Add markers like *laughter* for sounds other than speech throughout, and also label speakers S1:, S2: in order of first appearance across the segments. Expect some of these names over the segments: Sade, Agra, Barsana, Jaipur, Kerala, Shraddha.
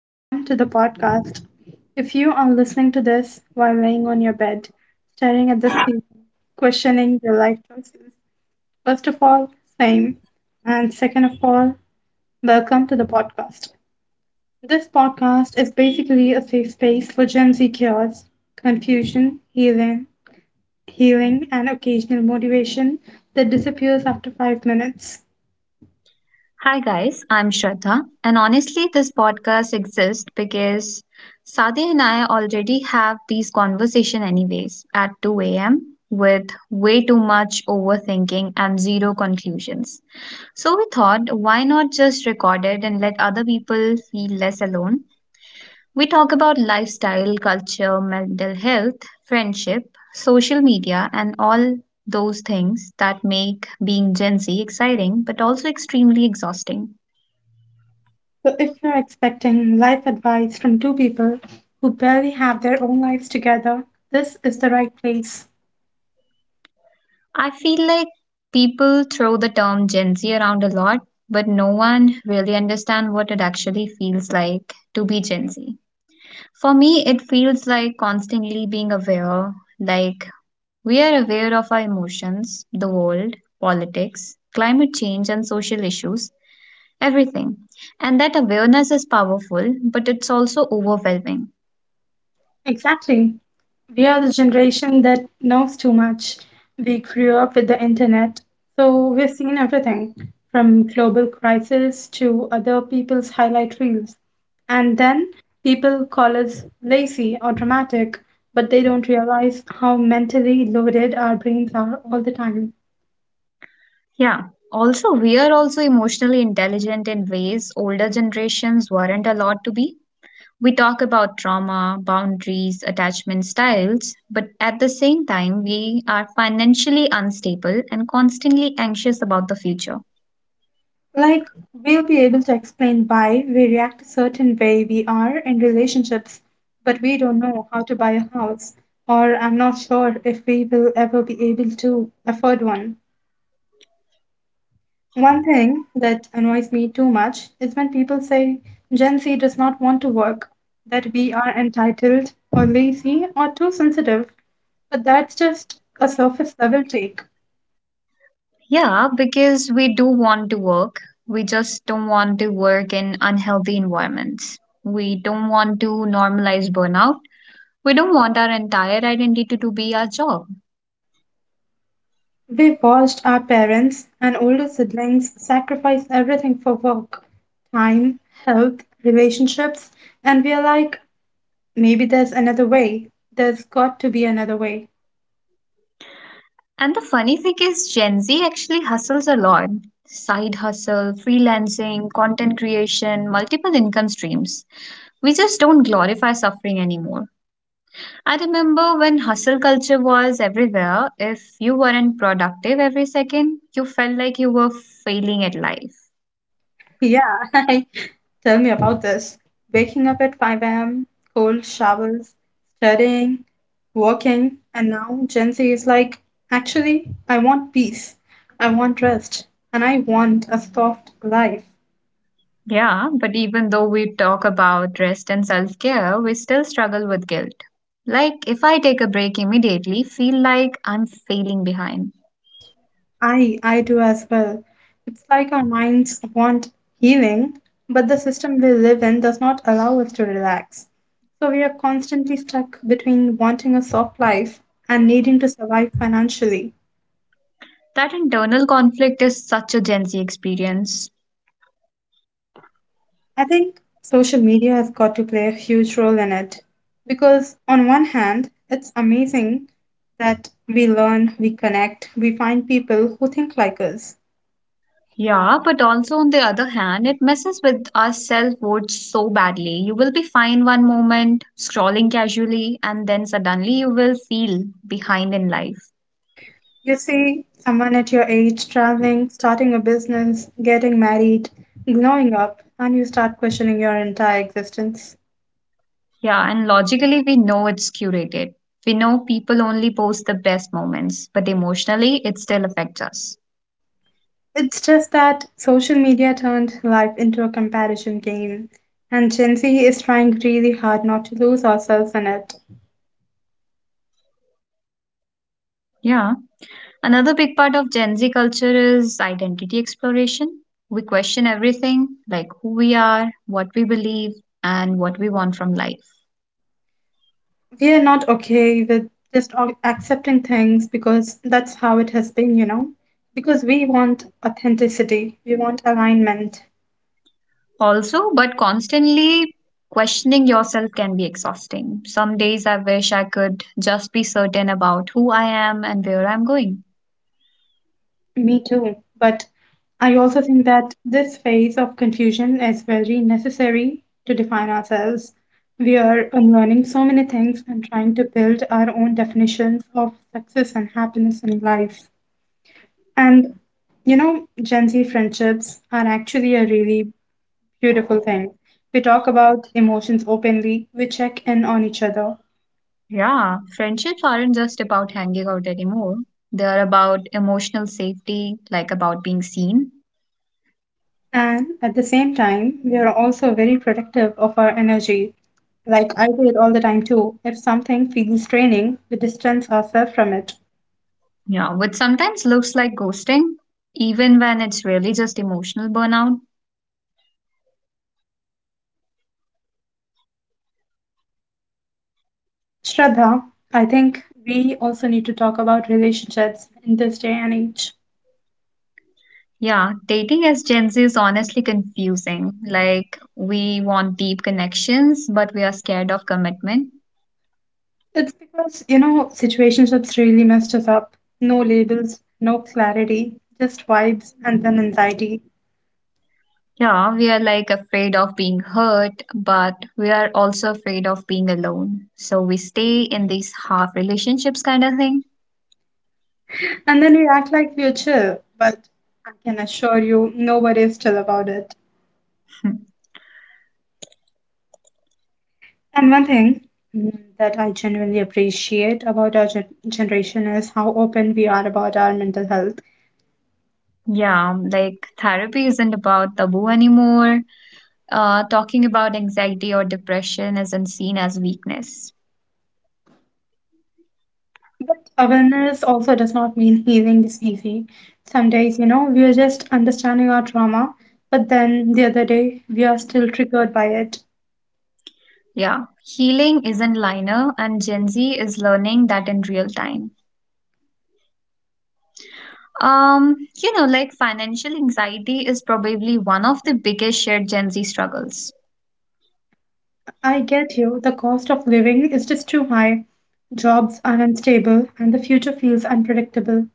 S1: Welcome to the podcast. If you are listening to this while laying on your bed, staring at the ceiling, questioning your life choices, first of all, same. And second of all, welcome to the podcast. This podcast is basically a safe space for Gen Z cures, confusion, healing, and occasional motivation that disappears after 5 minutes.
S2: Hi guys, I'm Shraddha, and honestly, this podcast exists because Sade and I already have these conversation anyways at 2 a.m. with way too much overthinking and zero conclusions. So we thought, why not just record it and let other people feel less alone? We talk about lifestyle, culture, mental health, friendship, social media, and all those things that make being Gen Z exciting but also extremely exhausting.
S1: So, if you're expecting life advice from two people who barely have their own lives together, this is the right place.
S2: I feel like people throw the term Gen Z around a lot, but no one really understands what it actually feels like to be Gen Z. For me, it feels like constantly being aware, like we are aware of our emotions, the world, politics, climate change, and social issues, everything. And that awareness is powerful, but it's also overwhelming.
S1: Exactly. We are the generation that knows too much. We grew up with the internet, so we've seen everything from global crisis to other people's highlight reels. And then people call us lazy or dramatic, but they don't realize how mentally loaded our brains are all the time.
S2: Yeah. Also, we are also emotionally intelligent in ways older generations weren't allowed to be. We talk about trauma, boundaries, attachment styles, but at the same time, we are financially unstable and constantly anxious about the future.
S1: Like, we'll be able to explain why we react a certain way we are in relationships, but we don't know how to buy a house, or I'm not sure if we will ever be able to afford one. One thing that annoys me too much is when people say Gen Z does not want to work, that we are entitled, or lazy, or too sensitive, but that's just a surface level take.
S2: Yeah, because we do want to work, we just don't want to work in unhealthy environments. We don't want to normalize burnout. We don't want our entire identity to be our job.
S1: We've watched our parents and older siblings sacrifice everything for work, time, health, relationships, and we are like, maybe there's another way. There's got to be another way.
S2: And the funny thing is, Gen Z actually hustles a lot, side hustle, freelancing, content creation, multiple income streams. We just don't glorify suffering anymore. I remember when hustle culture was everywhere, if you weren't productive every second, you felt like you were failing at life.
S1: Yeah, *laughs* tell me about this. Waking up at 5 a.m., cold showers, studying, working, and now Gen Z is like, actually, I want peace, I want rest, and I want a soft life.
S2: Yeah, but even though we talk about rest and self care, we still struggle with guilt. Like, if I take a break immediately, feel like I'm failing behind.
S1: I do as well. It's like our minds want healing, but the system we live in does not allow us to relax. So we are constantly stuck between wanting a soft life and needing to survive financially.
S2: That internal conflict is such a Gen Z experience.
S1: I think social media has got to play a huge role in it because on one hand, it's amazing that we learn, we connect, we find people who think like us.
S2: Yeah, but also on the other hand, it messes with our self worth so badly. You will be fine one moment, scrolling casually, and then suddenly you will feel behind in life.
S1: You see someone at your age traveling, starting a business, getting married, growing up, and you start questioning your entire existence.
S2: Yeah, and logically, we know it's curated. We know people only post the best moments, but emotionally, it still affects us.
S1: It's just that social media turned life into a comparison game, and Gen Z is trying really hard not to lose ourselves in it.
S2: Yeah. Another big part of Gen Z culture is identity exploration. We question everything, like who we are, what we believe, and what we want from life.
S1: We are not okay with just accepting things because that's how it has been, you know? Because we want authenticity, we want alignment.
S2: Also, but constantly questioning yourself can be exhausting. Some days I wish I could just be certain about who I am and where I'm going.
S1: Me too. But I also think that this phase of confusion is very necessary to define ourselves. We are unlearning so many things and trying to build our own definitions of success and happiness in life. And you know, Gen Z friendships are actually a really beautiful thing. We talk about emotions openly, we check in on each other.
S2: Yeah, friendships aren't just about hanging out anymore. They're about emotional safety, like about being seen.
S1: And at the same time, we are also very protective of our energy. Like I do it all the time too. If something feels draining, we distance ourselves from it.
S2: Yeah, which sometimes looks like ghosting, even when it's really just emotional burnout.
S1: Shraddha, I think we also need to talk about relationships in this day and age.
S2: Yeah, dating as Gen Z is honestly confusing. Like, we want deep connections, but we are scared of commitment.
S1: It's because, you know, situationships really messed us up. No labels, no clarity, just vibes and then anxiety.
S2: Yeah, we are like afraid of being hurt, but we are also afraid of being alone. So we stay in these half relationships kind of thing.
S1: And then we act like we're chill, but I can assure you, nobody is chill about it.
S2: *laughs*
S1: And one thing that I genuinely appreciate about our generation is how open we are about our mental health.
S2: Yeah, like therapy isn't about taboo anymore. Talking about anxiety or depression isn't seen as weakness.
S1: But awareness also does not mean healing is easy. Some days, you know, we are just understanding our trauma, but then the other day, we are still triggered by it.
S2: Yeah, healing isn't liner, and Gen Z is learning that in real time. Um, like financial anxiety is probably one of the biggest shared Gen Z struggles.
S1: I get you, the cost of living is just too high. Jobs are unstable, and the future feels unpredictable.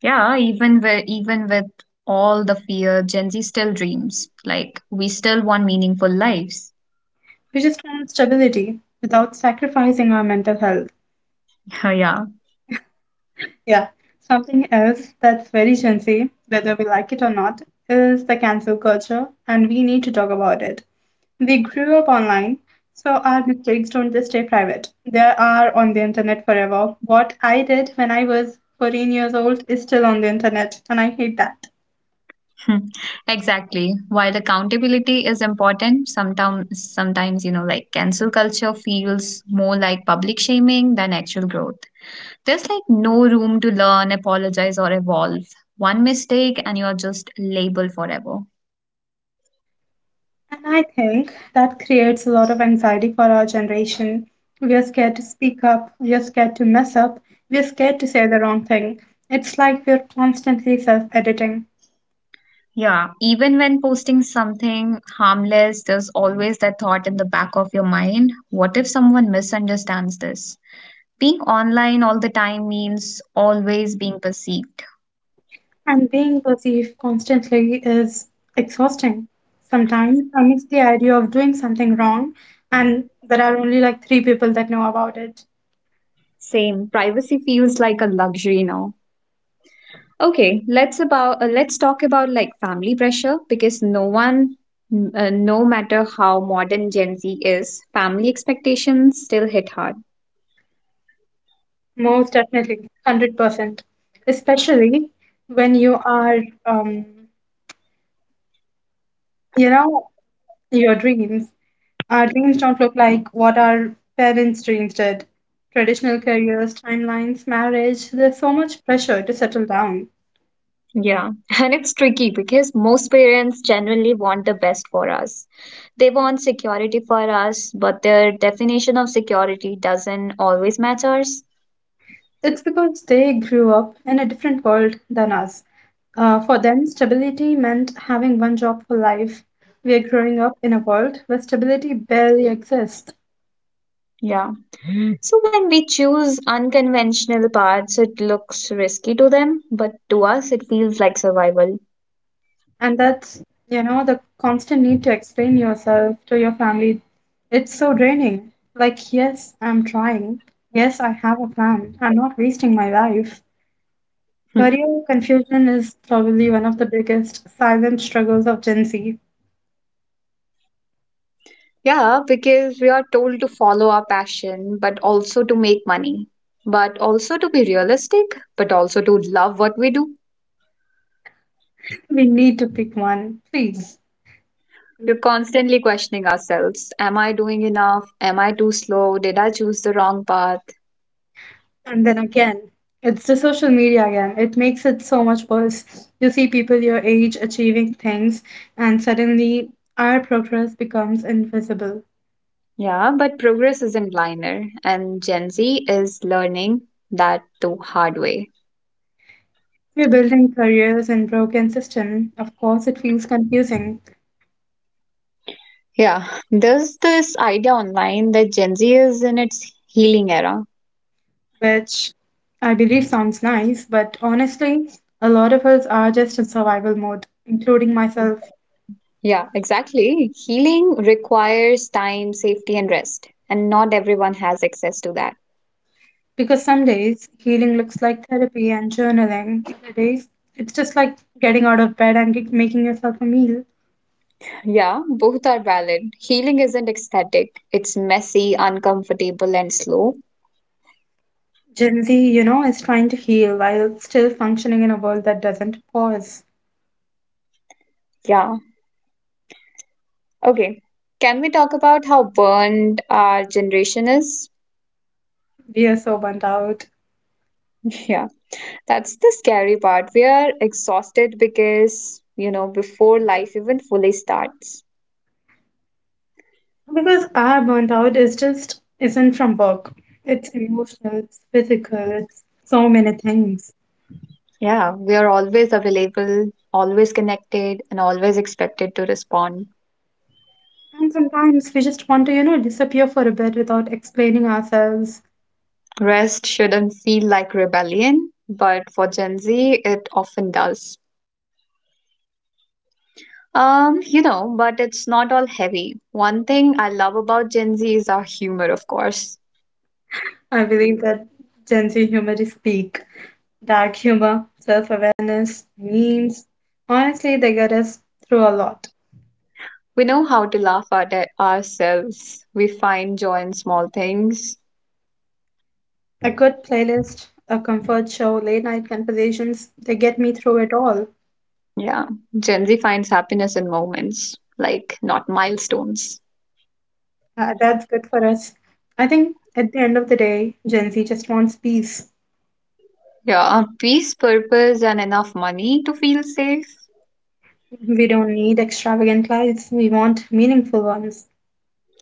S2: Yeah, even with all the fear, Gen Z still dreams. Like we still want meaningful lives.
S1: We just want stability without sacrificing our mental health.
S2: *laughs* Yeah,
S1: Yeah, something else that's very Gen Z, whether we like it or not, is the cancel culture, and we need to talk about it. We grew up online, so our mistakes don't just stay private. They are on the internet forever. What I did when I was 14 years old is still on the internet, and I hate that.
S2: *laughs* exactly. While accountability is important, sometimes you know like cancel culture feels more like public shaming than actual growth. There's like no room to learn, apologize, or evolve. One mistake and you're just labeled forever.
S1: And I think that creates a lot of anxiety for our generation. We are scared to speak up, we are scared to mess up, we are scared to say the wrong thing. It's like we're constantly self editing.
S2: Yeah, even when posting something harmless, there's always that thought in the back of your mind, what if someone misunderstands this? Being online all the time means always being perceived.
S1: And being perceived constantly is exhausting. Sometimes I miss the idea of doing something wrong, and there are only like three people that know about it.
S2: Same, privacy feels like a luxury now. Okay, let's about let's talk about like family pressure because no matter how modern Gen Z is, family expectations still hit hard.
S1: Most definitely, 100%. Especially when you are, um, you know, your dreams. Our dreams don't look like what our parents' dreams did. Traditional careers, timelines, marriage, there's so much pressure to settle down.
S2: Yeah, *laughs* and it's tricky because most parents genuinely want the best for us. They want security for us, but their definition of security doesn't always match ours.
S1: It's because they grew up in a different world than us. For them, stability meant having one job for life. We are growing up in a world where stability barely exists.
S2: Yeah. So when we choose unconventional paths, it looks risky to them, but to us, it feels like survival.
S1: And that's, the constant need to explain yourself to your family. It's so draining. Like, yes, I'm trying. Yes, I have a plan. I'm not wasting my life.
S2: Hmm.
S1: Career confusion is probably one of the biggest silent struggles of Gen Z.
S2: Yeah, because we are told to follow our passion, but also to make money, but also to be realistic, but also to love what we do.
S1: We need to pick one, please.
S2: We're constantly questioning ourselves. Am I doing enough? Am I too slow? Did I choose the wrong path?
S1: And then again, it's the social media again. It makes it so much worse. You see people your age achieving things, and suddenly our progress becomes invisible.
S2: Yeah, but progress isn't linear, and Gen Z is learning that the hard way.
S1: We're building careers in broken system. Of course, it feels confusing,
S2: Yeah, there's this idea online that Gen Z is in its healing era.
S1: which I believe sounds nice, but honestly, a lot of us are just in survival mode, including myself.
S2: Yeah, exactly. Healing requires time, safety, and rest, and not everyone has access to that.
S1: Because some days healing looks like therapy and journaling. Other days, it's just like getting out of bed and making yourself a meal.
S2: Yeah, both are valid. Healing isn't ecstatic, it's messy, uncomfortable, and slow.
S1: Gen Z, you know, is trying to heal while still functioning in a world that doesn't pause.
S2: Yeah. Okay, can we talk about how burned our generation is?
S1: We are so burnt out.
S2: *laughs* Yeah, that's the scary part. We are exhausted because, you know, before life even fully starts.
S1: Because our burnt out is just isn't from work. It's emotional, it's physical, it's so many things.
S2: Yeah, we are always available, always connected, and always expected to respond.
S1: And sometimes we just want to, disappear for a bit without explaining ourselves.
S2: Rest shouldn't feel like rebellion, but for Gen Z, it often does. You know, but it's not all heavy. One thing I love about Gen Z is our humor, of course.
S1: I believe that Gen Z humor is peak. Dark humor, self-awareness, memes. Honestly, they get us through a lot.
S2: We know how to laugh at it ourselves. We find joy in small things.
S1: A good playlist, a comfort show, late night conversations, they get me through it all.
S2: Yeah. Gen Z finds happiness in moments, like not milestones.
S1: That's good for us. I think at the end of the day, Gen Z just wants peace.
S2: Yeah. Peace, purpose, and enough money to feel safe.
S1: We don't need extravagant lives. We want meaningful ones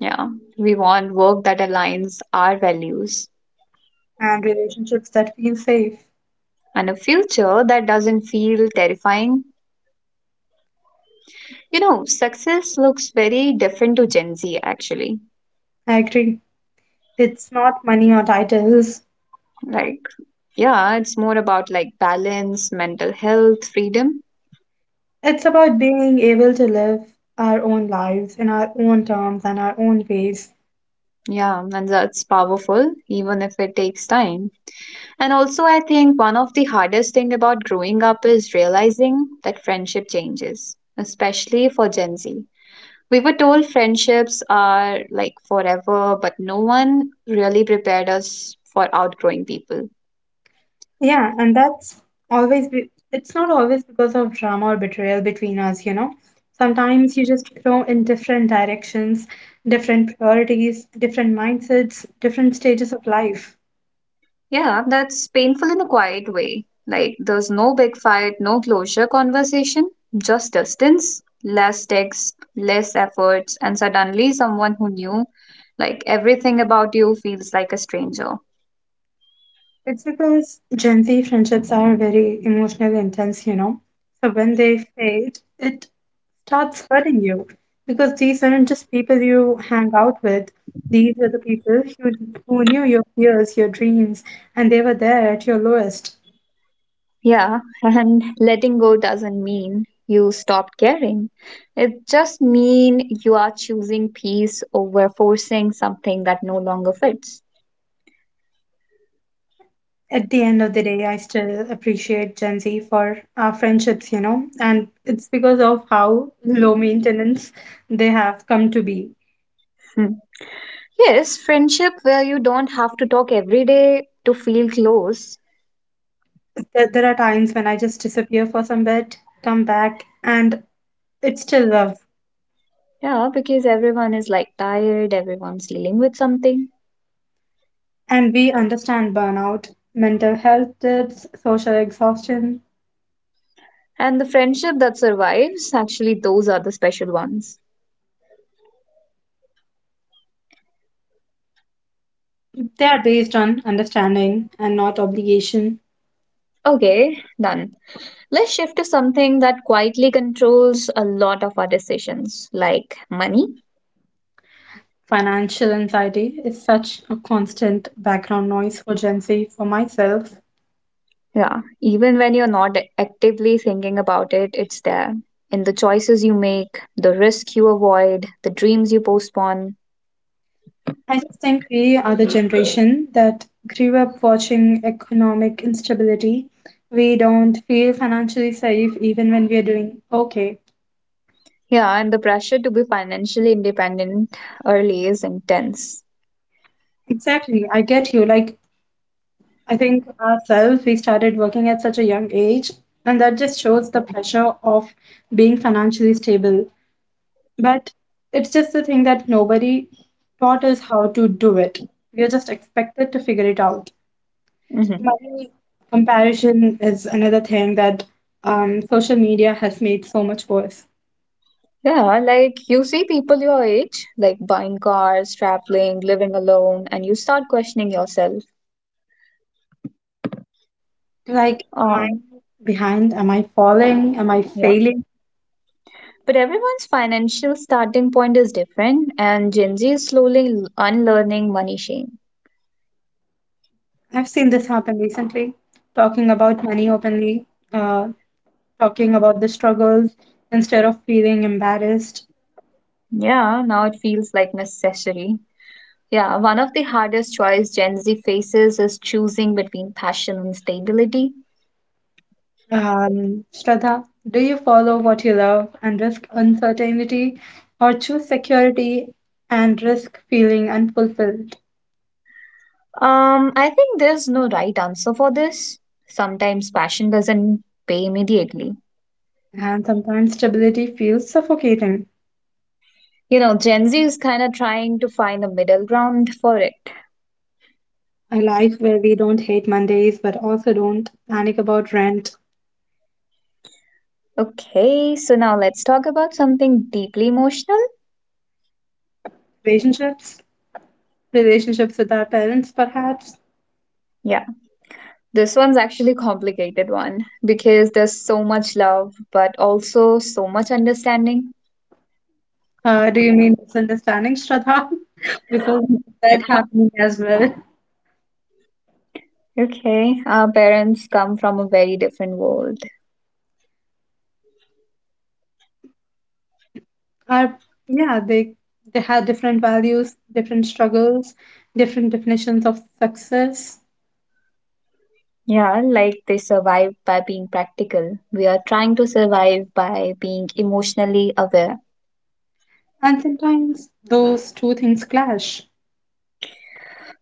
S2: Yeah. We want work that aligns our values
S1: and relationships that feel safe.
S2: and a future that doesn't feel terrifying. You know, success looks very different to Gen Z actually.
S1: I agree. It's not money or titles.
S2: Like, yeah, it's more about like balance, mental health, freedom.
S1: It's about being able to live our own lives in our own terms and our own ways.
S2: Yeah, and that's powerful, even if it takes time. And also, I think one of the hardest thing about growing up is realizing that friendship changes, especially for Gen Z. We were told friendships are like forever, but no one really prepared us for outgrowing people.
S1: Yeah, and that's always be it's not always because of drama or betrayal between us. Sometimes you just grow in different directions, different priorities, different mindsets, different stages of life.
S2: Yeah, that's painful in a quiet way. Like, there's no big fight, no closure conversation, just distance, less texts, less efforts, and suddenly someone who knew, like, everything about you feels like a stranger.
S1: It's because Gen Z friendships are very emotionally intense. So when they fade, it starts hurting you because these aren't just people you hang out with. These are the people who knew your fears, your dreams, and they were there at your lowest.
S2: Yeah, *laughs* and letting go doesn't mean you stopped caring. It just mean you are choosing peace over forcing something that no longer fits.
S1: At the end of the day, I still appreciate Gen Z for our friendships, and it's because of how low maintenance they have come to be.
S2: Hmm. Yes, friendship where you don't have to talk every day to feel close.
S1: There are times when I just disappear for some bit, come back, and it's still love.
S2: Yeah, because everyone is like tired, everyone's dealing with something.
S1: And we understand burnout, mental health tips, social exhaustion.
S2: And the friendship that survives, actually, those are the special ones.
S1: They are based on understanding and not obligation.
S2: Okay, done. Let's shift to something that quietly controls a lot of our decisions, like money.
S1: Financial anxiety is such a constant background noise for Gen Z, for myself.
S2: Yeah, even when you're not actively thinking about it, it's there. In the choices you make, the risk you avoid, the dreams you postpone.
S1: I just think we are the generation that grew up watching economic instability. We don't feel financially safe even when we are doing okay.
S2: Yeah, and the pressure to be financially independent early is intense.
S1: Exactly, I get you. Like, I think ourselves, we started working at such a young age, and that just shows the pressure of being financially stable. But it's just the thing that nobody taught us how to do it. We are just expected to figure it out.
S2: Hmm.
S1: Money comparison is another thing that social media has made so much worse.
S2: Yeah, like you see people your age, like buying cars, traveling, living alone, and you start questioning yourself.
S1: Like, am I
S2: Um,
S1: behind? Am I falling? Am I
S2: yeah.
S1: failing?
S2: But everyone's financial starting point is different, and Gen Z is slowly unlearning money shame.
S1: I've seen this happen recently, talking about money openly, uh, talking about the struggles instead of feeling embarrassed.
S2: Yeah, now it feels like necessary. Yeah, one of the hardest choice Gen Z faces is choosing between passion and stability.
S1: Shraddha, do you follow what you love and risk uncertainty, or choose security and risk feeling unfulfilled?
S2: I think there's no right answer for this. Sometimes passion doesn't pay immediately.
S1: And sometimes stability feels suffocating.
S2: You know, Gen Z is kind of trying to find a middle ground for it.
S1: A life where we don't hate Mondays but also don't panic about rent,
S2: Okay, so now let's talk about something deeply emotional.
S1: relationships, relationships with our parents, perhaps.
S2: Yeah, this one's actually complicated one because there's so much love, but also so much understanding.
S1: Do you mean misunderstanding, Shraddha? *laughs* Because
S2: Yeah.
S1: that happening as well.
S2: Okay, our parents come from a very different world.
S1: Are yeah, they had different values, different struggles, different definitions of success,
S2: Yeah, like they survive by being practical. We are trying to survive by being emotionally aware.
S1: and sometimes those two things clash.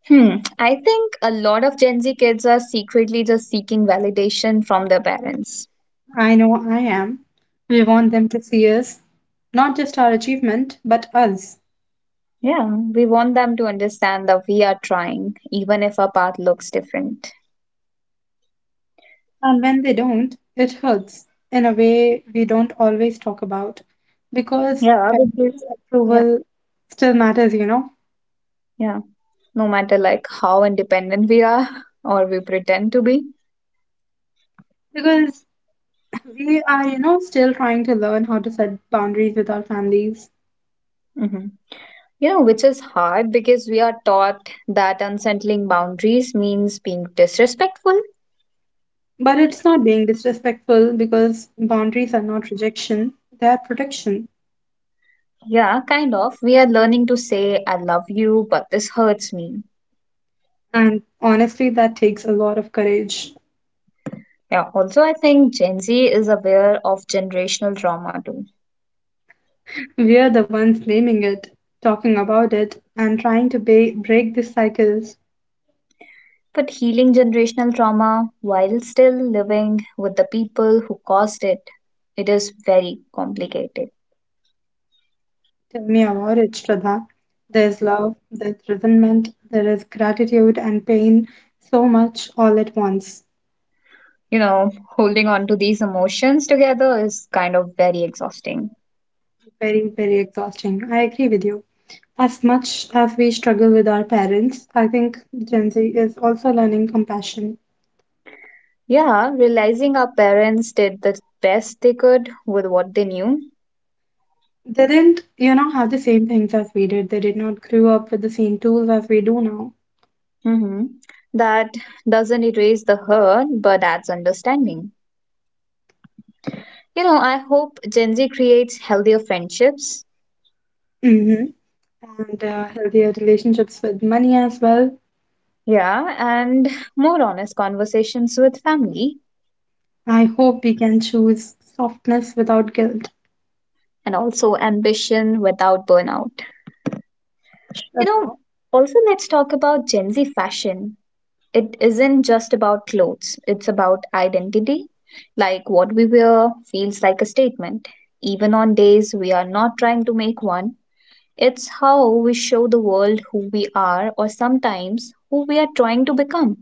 S2: Hmm, I think a lot of Gen Z kids are secretly just seeking validation from their parents.
S1: I know I am. We want them to see us, not just our achievement, but us.
S2: Yeah, we want them to understand that we are trying, even if our path looks different.
S1: And when they don't, it hurts in a way we don't always talk about because
S2: Yeah, which
S1: parental
S2: yeah.
S1: approval still matters,
S2: Yeah, no matter like how independent we are *laughs* or we pretend to be.
S1: because we are, still trying to learn how to set boundaries with our families.
S2: Hmm. You know, which is hard because we are taught that unsettling boundaries means being disrespectful.
S1: But it's not being disrespectful because boundaries are not rejection, they are protection.
S2: Yeah, kind of. We are learning to say, I love you, but this hurts me.
S1: And honestly, that takes a lot of courage.
S2: Yeah, also, I think Gen Z is aware of generational trauma too.
S1: We are the ones naming it, talking about it, and trying to break this cycle.
S2: But healing generational trauma while still living with the people who caused it, it is very complicated.
S1: Tell me about it, Shraddha. There's love, there's resentment, there is gratitude and pain, so much all at once.
S2: You know, holding on to these emotions together is kind of very exhausting.
S1: Very, very exhausting. I agree with you. As much as we struggle with our parents, I think Gen Z is also learning compassion.
S2: Yeah, realizing our parents did the best they could with what they knew.
S1: They didn't, you know, have the same things as we did. They did not grow up with the same tools as we do now.
S2: Hmm. That doesn't erase the hurt, but adds understanding. You know, I hope Gen Z creates healthier friendships.
S1: hmm And healthier relationships with money as well.
S2: Yeah, and more honest conversations with family
S1: I hope we can choose softness without guilt.
S2: and also ambition without burnout. You
S1: Shraddha,
S2: know, also let's talk about Gen Z fashion. It isn't just about clothes, it's about identity. Like what we wear feels like a statement. Even on days we are not trying to make one, it's how we show the world who we are or sometimes who we are trying to become.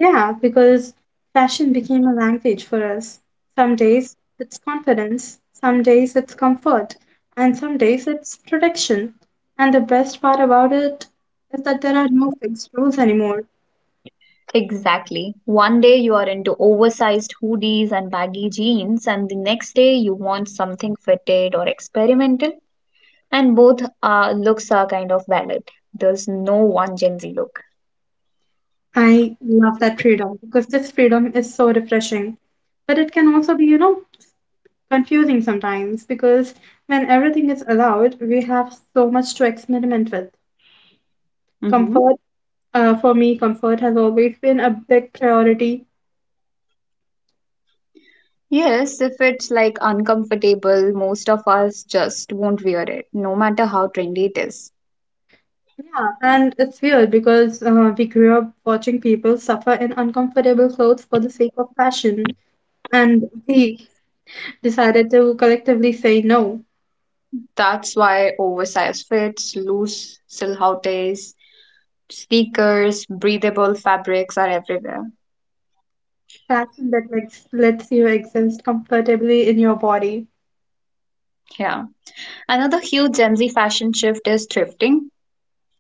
S1: yeah, because fashion became a language for us. Some days it's confidence, some days it's comfort, and some days it's protection. And the best part about it is that there are no fixed rules anymore.
S2: Exactly. One day you are into oversized hoodies and baggy jeans, and the next day you want something fitted or experimental, and both looks are kind of valid. There's no one Gen Z look.
S1: I love that freedom because this freedom is so refreshing. But it can also be, you know, confusing sometimes because when everything is allowed, we have so much to experiment with.
S2: hmm
S1: Comfort, for me, comfort has always been a big priority.
S2: Yes, if it's like uncomfortable, most of us just won't wear it, no matter how trendy it is.
S1: Yeah, and it's weird because we grew up watching people suffer in uncomfortable clothes for the sake of fashion, and we decided to collectively say no.
S2: That's why oversized fits, loose silhouettes, sneakers, breathable fabrics are everywhere.
S1: Fashion that lets you exist comfortably in your body.
S2: Yeah. Another huge Gen Z fashion shift is thrifting.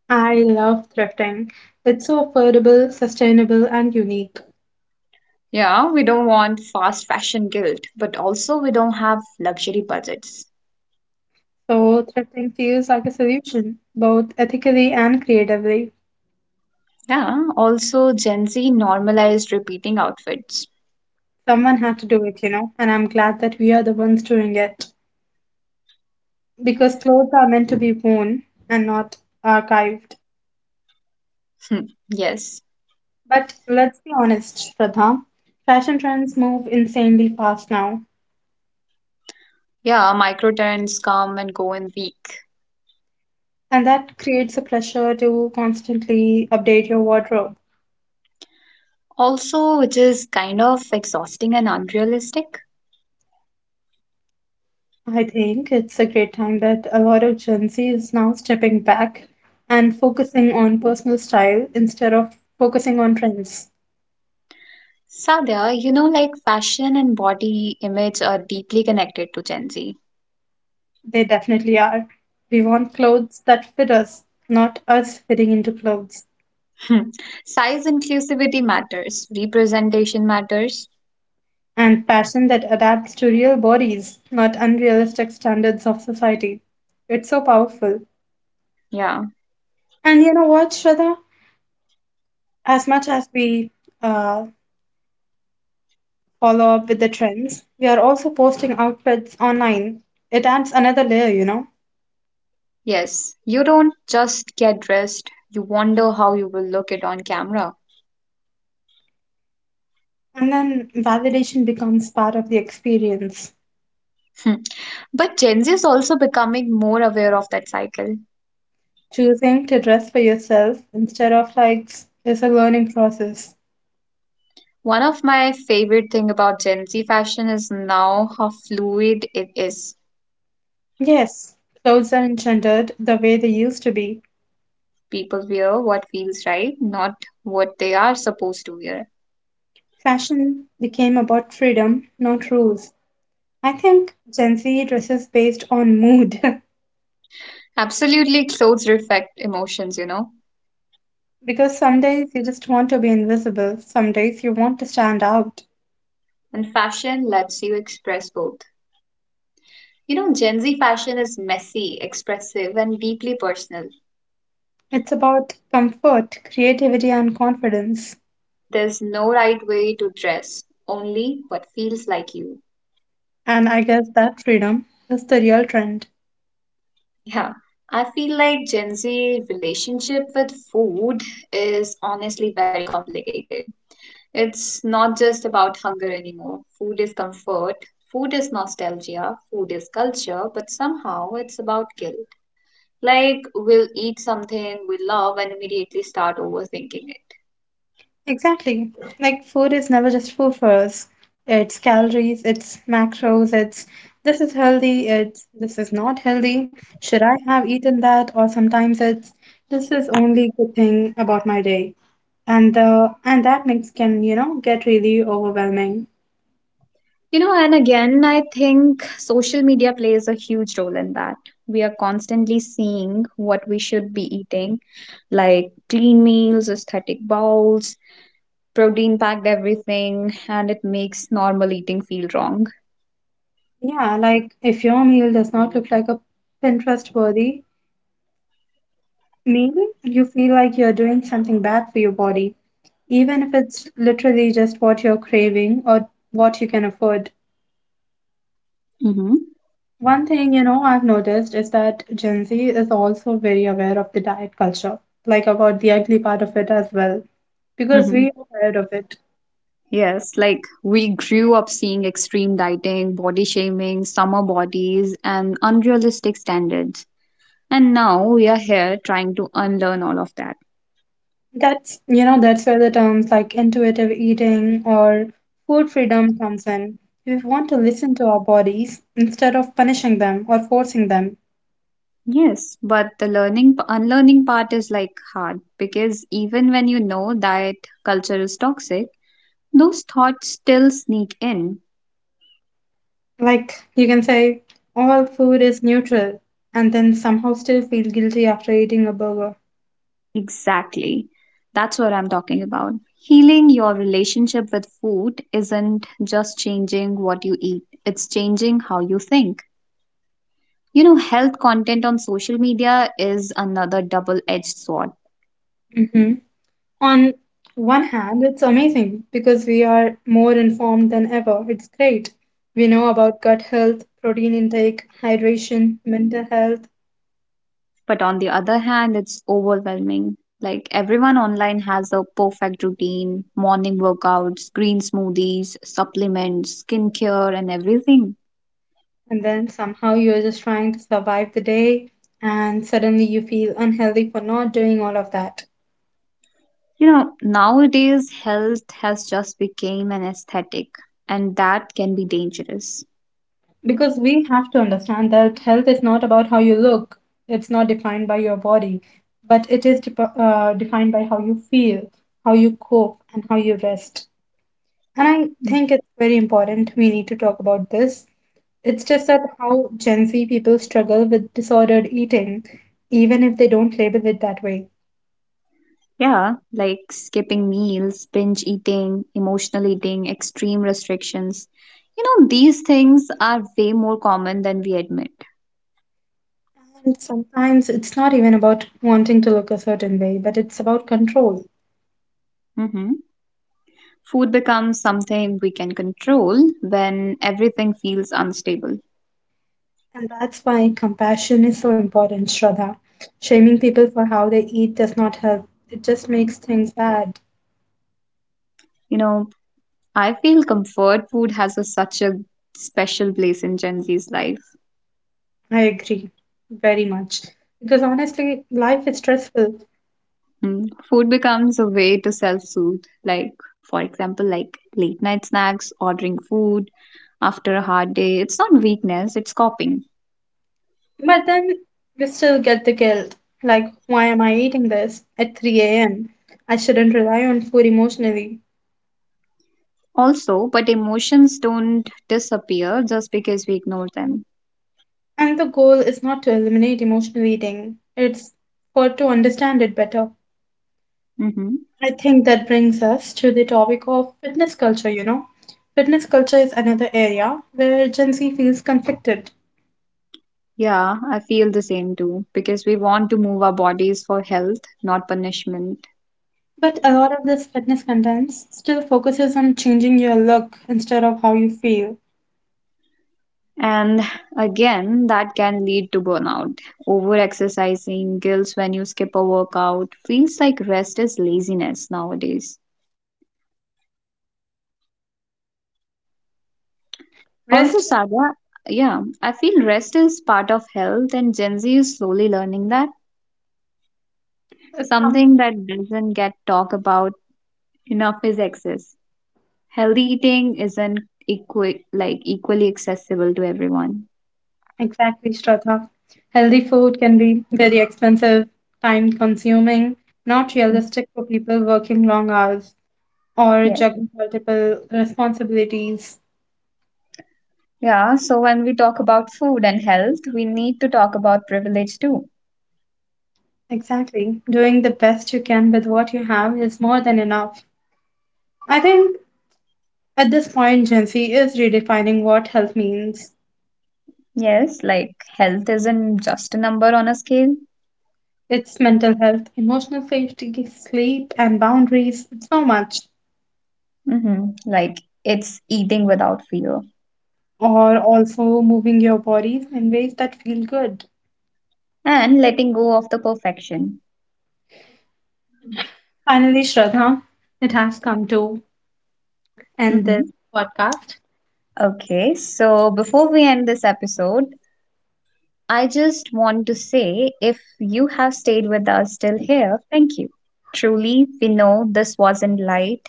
S1: I love thrifting. It's so affordable, sustainable, and unique.
S2: Yeah, we don't want fast fashion guilt, but also we don't have luxury budgets.
S1: So, thrifting feels like a solution, both ethically and creatively.
S2: Yeah, also Gen Z normalized repeating outfits.
S1: Someone had to do it, you know, and I'm glad that we are the ones doing it, because clothes are meant to be worn and not archived.
S2: Hmm, yes.
S1: But let's be honest, Shraddha, fashion trends move insanely fast now,
S2: Yeah, micro trends come and go in week.
S1: and that creates a pressure to constantly update your wardrobe.
S2: Also, which is kind of exhausting and unrealistic.
S1: I think it's a great time that a lot of Gen Z is now stepping back and focusing on personal style instead of focusing on trends.
S2: Sadia, you know, like fashion and body image are deeply connected to Gen Z.
S1: They definitely are. We want clothes that fit us, not us fitting into clothes.
S2: Hmm. Size inclusivity matters, representation matters.
S1: And passion that adapts to real bodies, not unrealistic standards of society. It's so powerful.
S2: Yeah.
S1: And you know what, Shraddha? As much as we uh, follow up with the trends, we are also posting outfits online. It adds another layer, you know?
S2: Yes, you don't just get dressed, you wonder how you will look it on camera.
S1: And then validation becomes part of the experience.
S2: Hmm. But Gen Z is also becoming more aware of that cycle.
S1: Choosing to dress for yourself instead of likes is a learning process.
S2: One of my favorite thing about Gen Z fashion is now how fluid it is.
S1: Yes, clothes aren't gendered the way they used to be.
S2: People wear what feels right, not what they are supposed to wear.
S1: Fashion became about freedom, not rules. I think Gen Z dresses based on mood. *laughs*
S2: Absolutely, clothes reflect emotions, you know.
S1: Because some days you just want to be invisible, some days you want to stand out.
S2: And fashion lets you express both. You know, Gen Z fashion is messy, expressive, and deeply personal.
S1: It's about comfort, creativity, and confidence.
S2: There's no right way to dress, only what feels like you.
S1: And I guess that freedom is the real trend.
S2: Yeah, I feel like Gen Z relationship with food is honestly very complicated. It's not just about hunger anymore. Food is comfort, food is nostalgia, food is culture, but somehow it's about guilt. Like we'll eat something we love and immediately start overthinking it.
S1: Exactly. Like food is never just food for us. It's calories, it's macros, it's this is healthy, it's this is not healthy. Should I have eaten that? Or sometimes it's this is only good thing about my day. And the and that mix can, you know, get really overwhelming.
S2: You know, and again, I think social media plays a huge role in that. We are constantly seeing what we should be eating, like clean meals, aesthetic bowls, protein packed everything, and it makes normal eating feel wrong.
S1: Yeah, like if your meal does not look like a Pinterest worthy meal, you feel like you're doing something bad for your body, even if it's literally just what you're craving or what you can afford.
S2: Mm-hmm.
S1: One thing you know I've noticed is that Gen Z is also very aware of the diet culture, like about the ugly part of it as well, because
S2: Mhm.
S1: we are aware of it.
S2: Yes, like we grew up seeing extreme dieting, body shaming, summer bodies, and unrealistic standards. And now we are here trying to unlearn all of that.
S1: That's you know that's where the terms like intuitive eating or food freedom comes in. We want to listen to our bodies instead of punishing them or forcing them.
S2: Yes, but the learning, unlearning part is like hard because even when you know that culture is toxic, those thoughts still sneak in.
S1: Like you can say all food is neutral and then somehow still feel guilty after eating a burger.
S2: Exactly. That's what I'm talking about. Healing your relationship with food isn't just changing what you eat, it's changing how you think. You know, health content on social media is another double edged sword.
S1: Mhm. On one hand, it's amazing because we are more informed than ever. It's great. We know about gut health, protein intake, hydration, mental health,
S2: But on the other hand, it's overwhelming. Like everyone online has a perfect routine, morning workouts, green smoothies, supplements, skincare, and everything.
S1: and then somehow you're just trying to survive the day and suddenly you feel unhealthy for not doing all of that.
S2: You know, nowadays health has just become an aesthetic, and that can be dangerous.
S1: Because we have to understand that health is not about how you look, it's not defined by your body, but it is dep defined by how you feel, how you cope, and how you rest. And I
S2: Mm.
S1: think it's very important we need to talk about this. It's just that how Gen Z people struggle with disordered eating, even if they don't label it that way.
S2: Yeah, like skipping meals, binge eating, emotional eating, extreme restrictions. You know, these things are way more common than we admit.
S1: And sometimes it's not even about wanting to look a certain way, but it's about control.
S2: hmm Food becomes something we can control when everything feels unstable.
S1: And that's why compassion is so important, Shraddha. Shaming people for how they eat does not help, it just makes things bad.
S2: You know, I feel comfort food has a, such a special place in Gen Z's life.
S1: I agree very much. Because honestly, life is stressful.
S2: Mm. Food becomes a way to self soothe, like, for example, like late night snacks, ordering food after a hard day. It's not weakness, it's coping.
S1: But then we still get the guilt. Like, why am I eating this at 3 a.m.? I shouldn't rely on food emotionally.
S2: Also, but emotions don't disappear just because we ignore them.
S1: And the goal is not to eliminate emotional eating, it's for to understand it better.
S2: hmm
S1: I think that brings us to the topic of fitness culture, you know. Fitness culture is another area where Gen Z feels conflicted.
S2: Yeah, I feel the same too because we want to move our bodies for health, not punishment.
S1: But a lot of this fitness content still focuses on changing your look instead of how you feel.
S2: And again, that can lead to burnout. Over exercising, guilt when you skip a workout, feels like rest is laziness nowadays. Although,
S1: Rest
S2: Saga, yeah, I feel rest is part of health, and Gen Z is slowly learning that.
S1: is some.
S2: Something that doesn't get talked about enough is excess. Healthy eating isn't like equally accessible to everyone.
S1: Exactly, Shraddha. Healthy food can be very expensive, time consuming, not realistic for people working long hours or
S2: Mm.
S1: juggling multiple responsibilities.
S2: Yeah, so when we talk about food and health, we need to talk about privilege too.
S1: Exactly. Doing the best you can with what you have is more than enough. I think at this point, Gen Z is redefining what health means.
S2: Yes, like health isn't just a number on a scale.
S1: It's mental health, emotional safety, sleep, and boundaries. It's so much.
S2: Like it's eating without fear
S1: Or also moving your bodies in ways that feel good.
S2: and letting go of the perfection.
S1: Finally, Shraddha, it has come to end
S2: hmm
S1: this podcast.
S2: Okay, so before we end this episode, I just want to say if you have stayed with us still here, thank you. Truly, we know this wasn't light,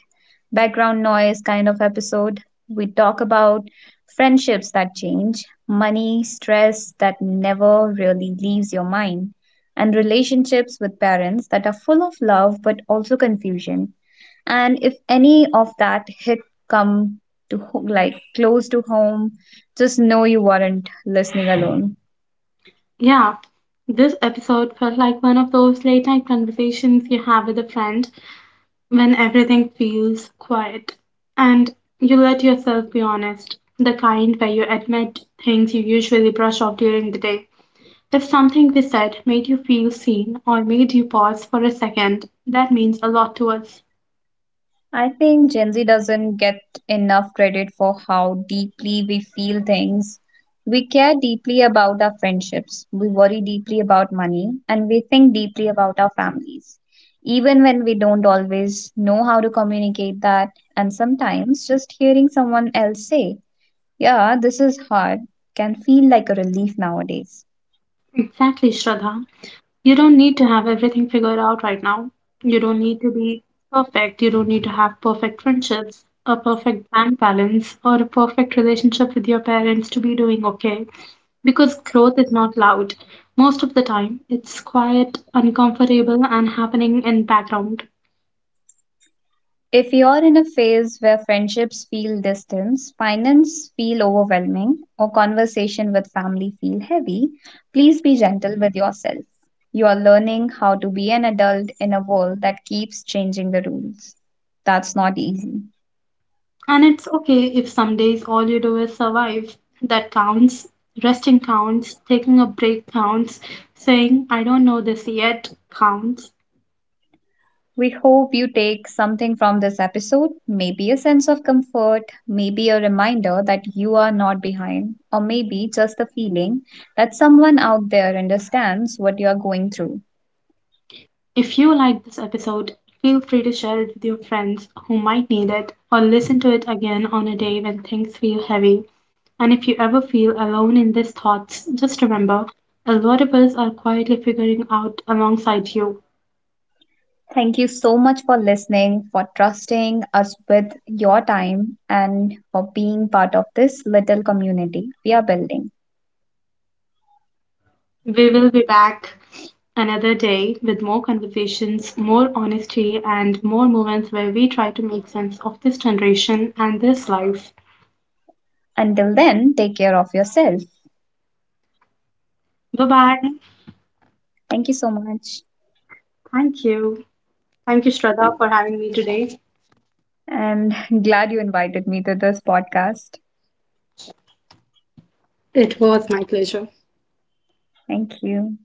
S2: background noise kind of episode. We talk about friendships that change, money, stress that never really leaves your mind, and relationships with parents that are full of love but also confusion. And if any of that hit come like close to home, just know you weren't listening alone.
S1: Yeah, this episode felt like one of those late night conversations you have with a friend when everything feels quiet and you let yourself be honest, the kind where you admit things you usually brush off during the day. If something we said made you feel seen or made you pause for a second, that means a lot to us.
S2: I think Gen Z doesn't get enough credit for how deeply we feel things. We care deeply about our friendships, we worry deeply about money, and we think deeply about our families. Even when we don't always know how to communicate that, and sometimes just hearing someone else say, yeah, this is hard, can feel like a relief nowadays.
S1: Exactly, Shraddha. You don't need to have everything figured out right now. You don't need to be perfect. You don't need to have perfect friendships, a perfect bank balance, or a perfect relationship with your parents to be doing okay. Because growth is not loud. Most of the time, it's quiet, uncomfortable, and happening in background.
S2: If you're in a phase where friendships feel distant, finance feel overwhelming, or conversation with family feel heavy, please be gentle with yourself. You are learning how to be an adult in a world that keeps changing the rules. That's not easy.
S1: And it's okay if some days all you do is survive. That counts. Resting counts, taking a break counts, saying, I don't know this yet counts.
S2: We hope you take something from this episode, maybe a sense of comfort, maybe a reminder that you are not behind, or maybe just the feeling that someone out there understands what you are going through.
S1: If you liked this episode, feel free to share it with your friends who might need it or listen to it again on a day when things feel heavy. And if you ever feel alone in these thoughts, just remember a lot of us are quietly figuring out alongside you.
S2: Thank you so much for listening, for trusting us with your time, and for being part of this little community we are building.
S1: We will be back another day with more conversations, more honesty, and more moments where we try to make sense of this generation and this life.
S2: Until then, take care of yourself.
S1: Bye bye.
S2: Thank you so much.
S1: Thank you. Thank you, Shraddha, for having me today.
S2: And *laughs* glad you invited me to this podcast.
S1: It was my pleasure.
S2: Thank you.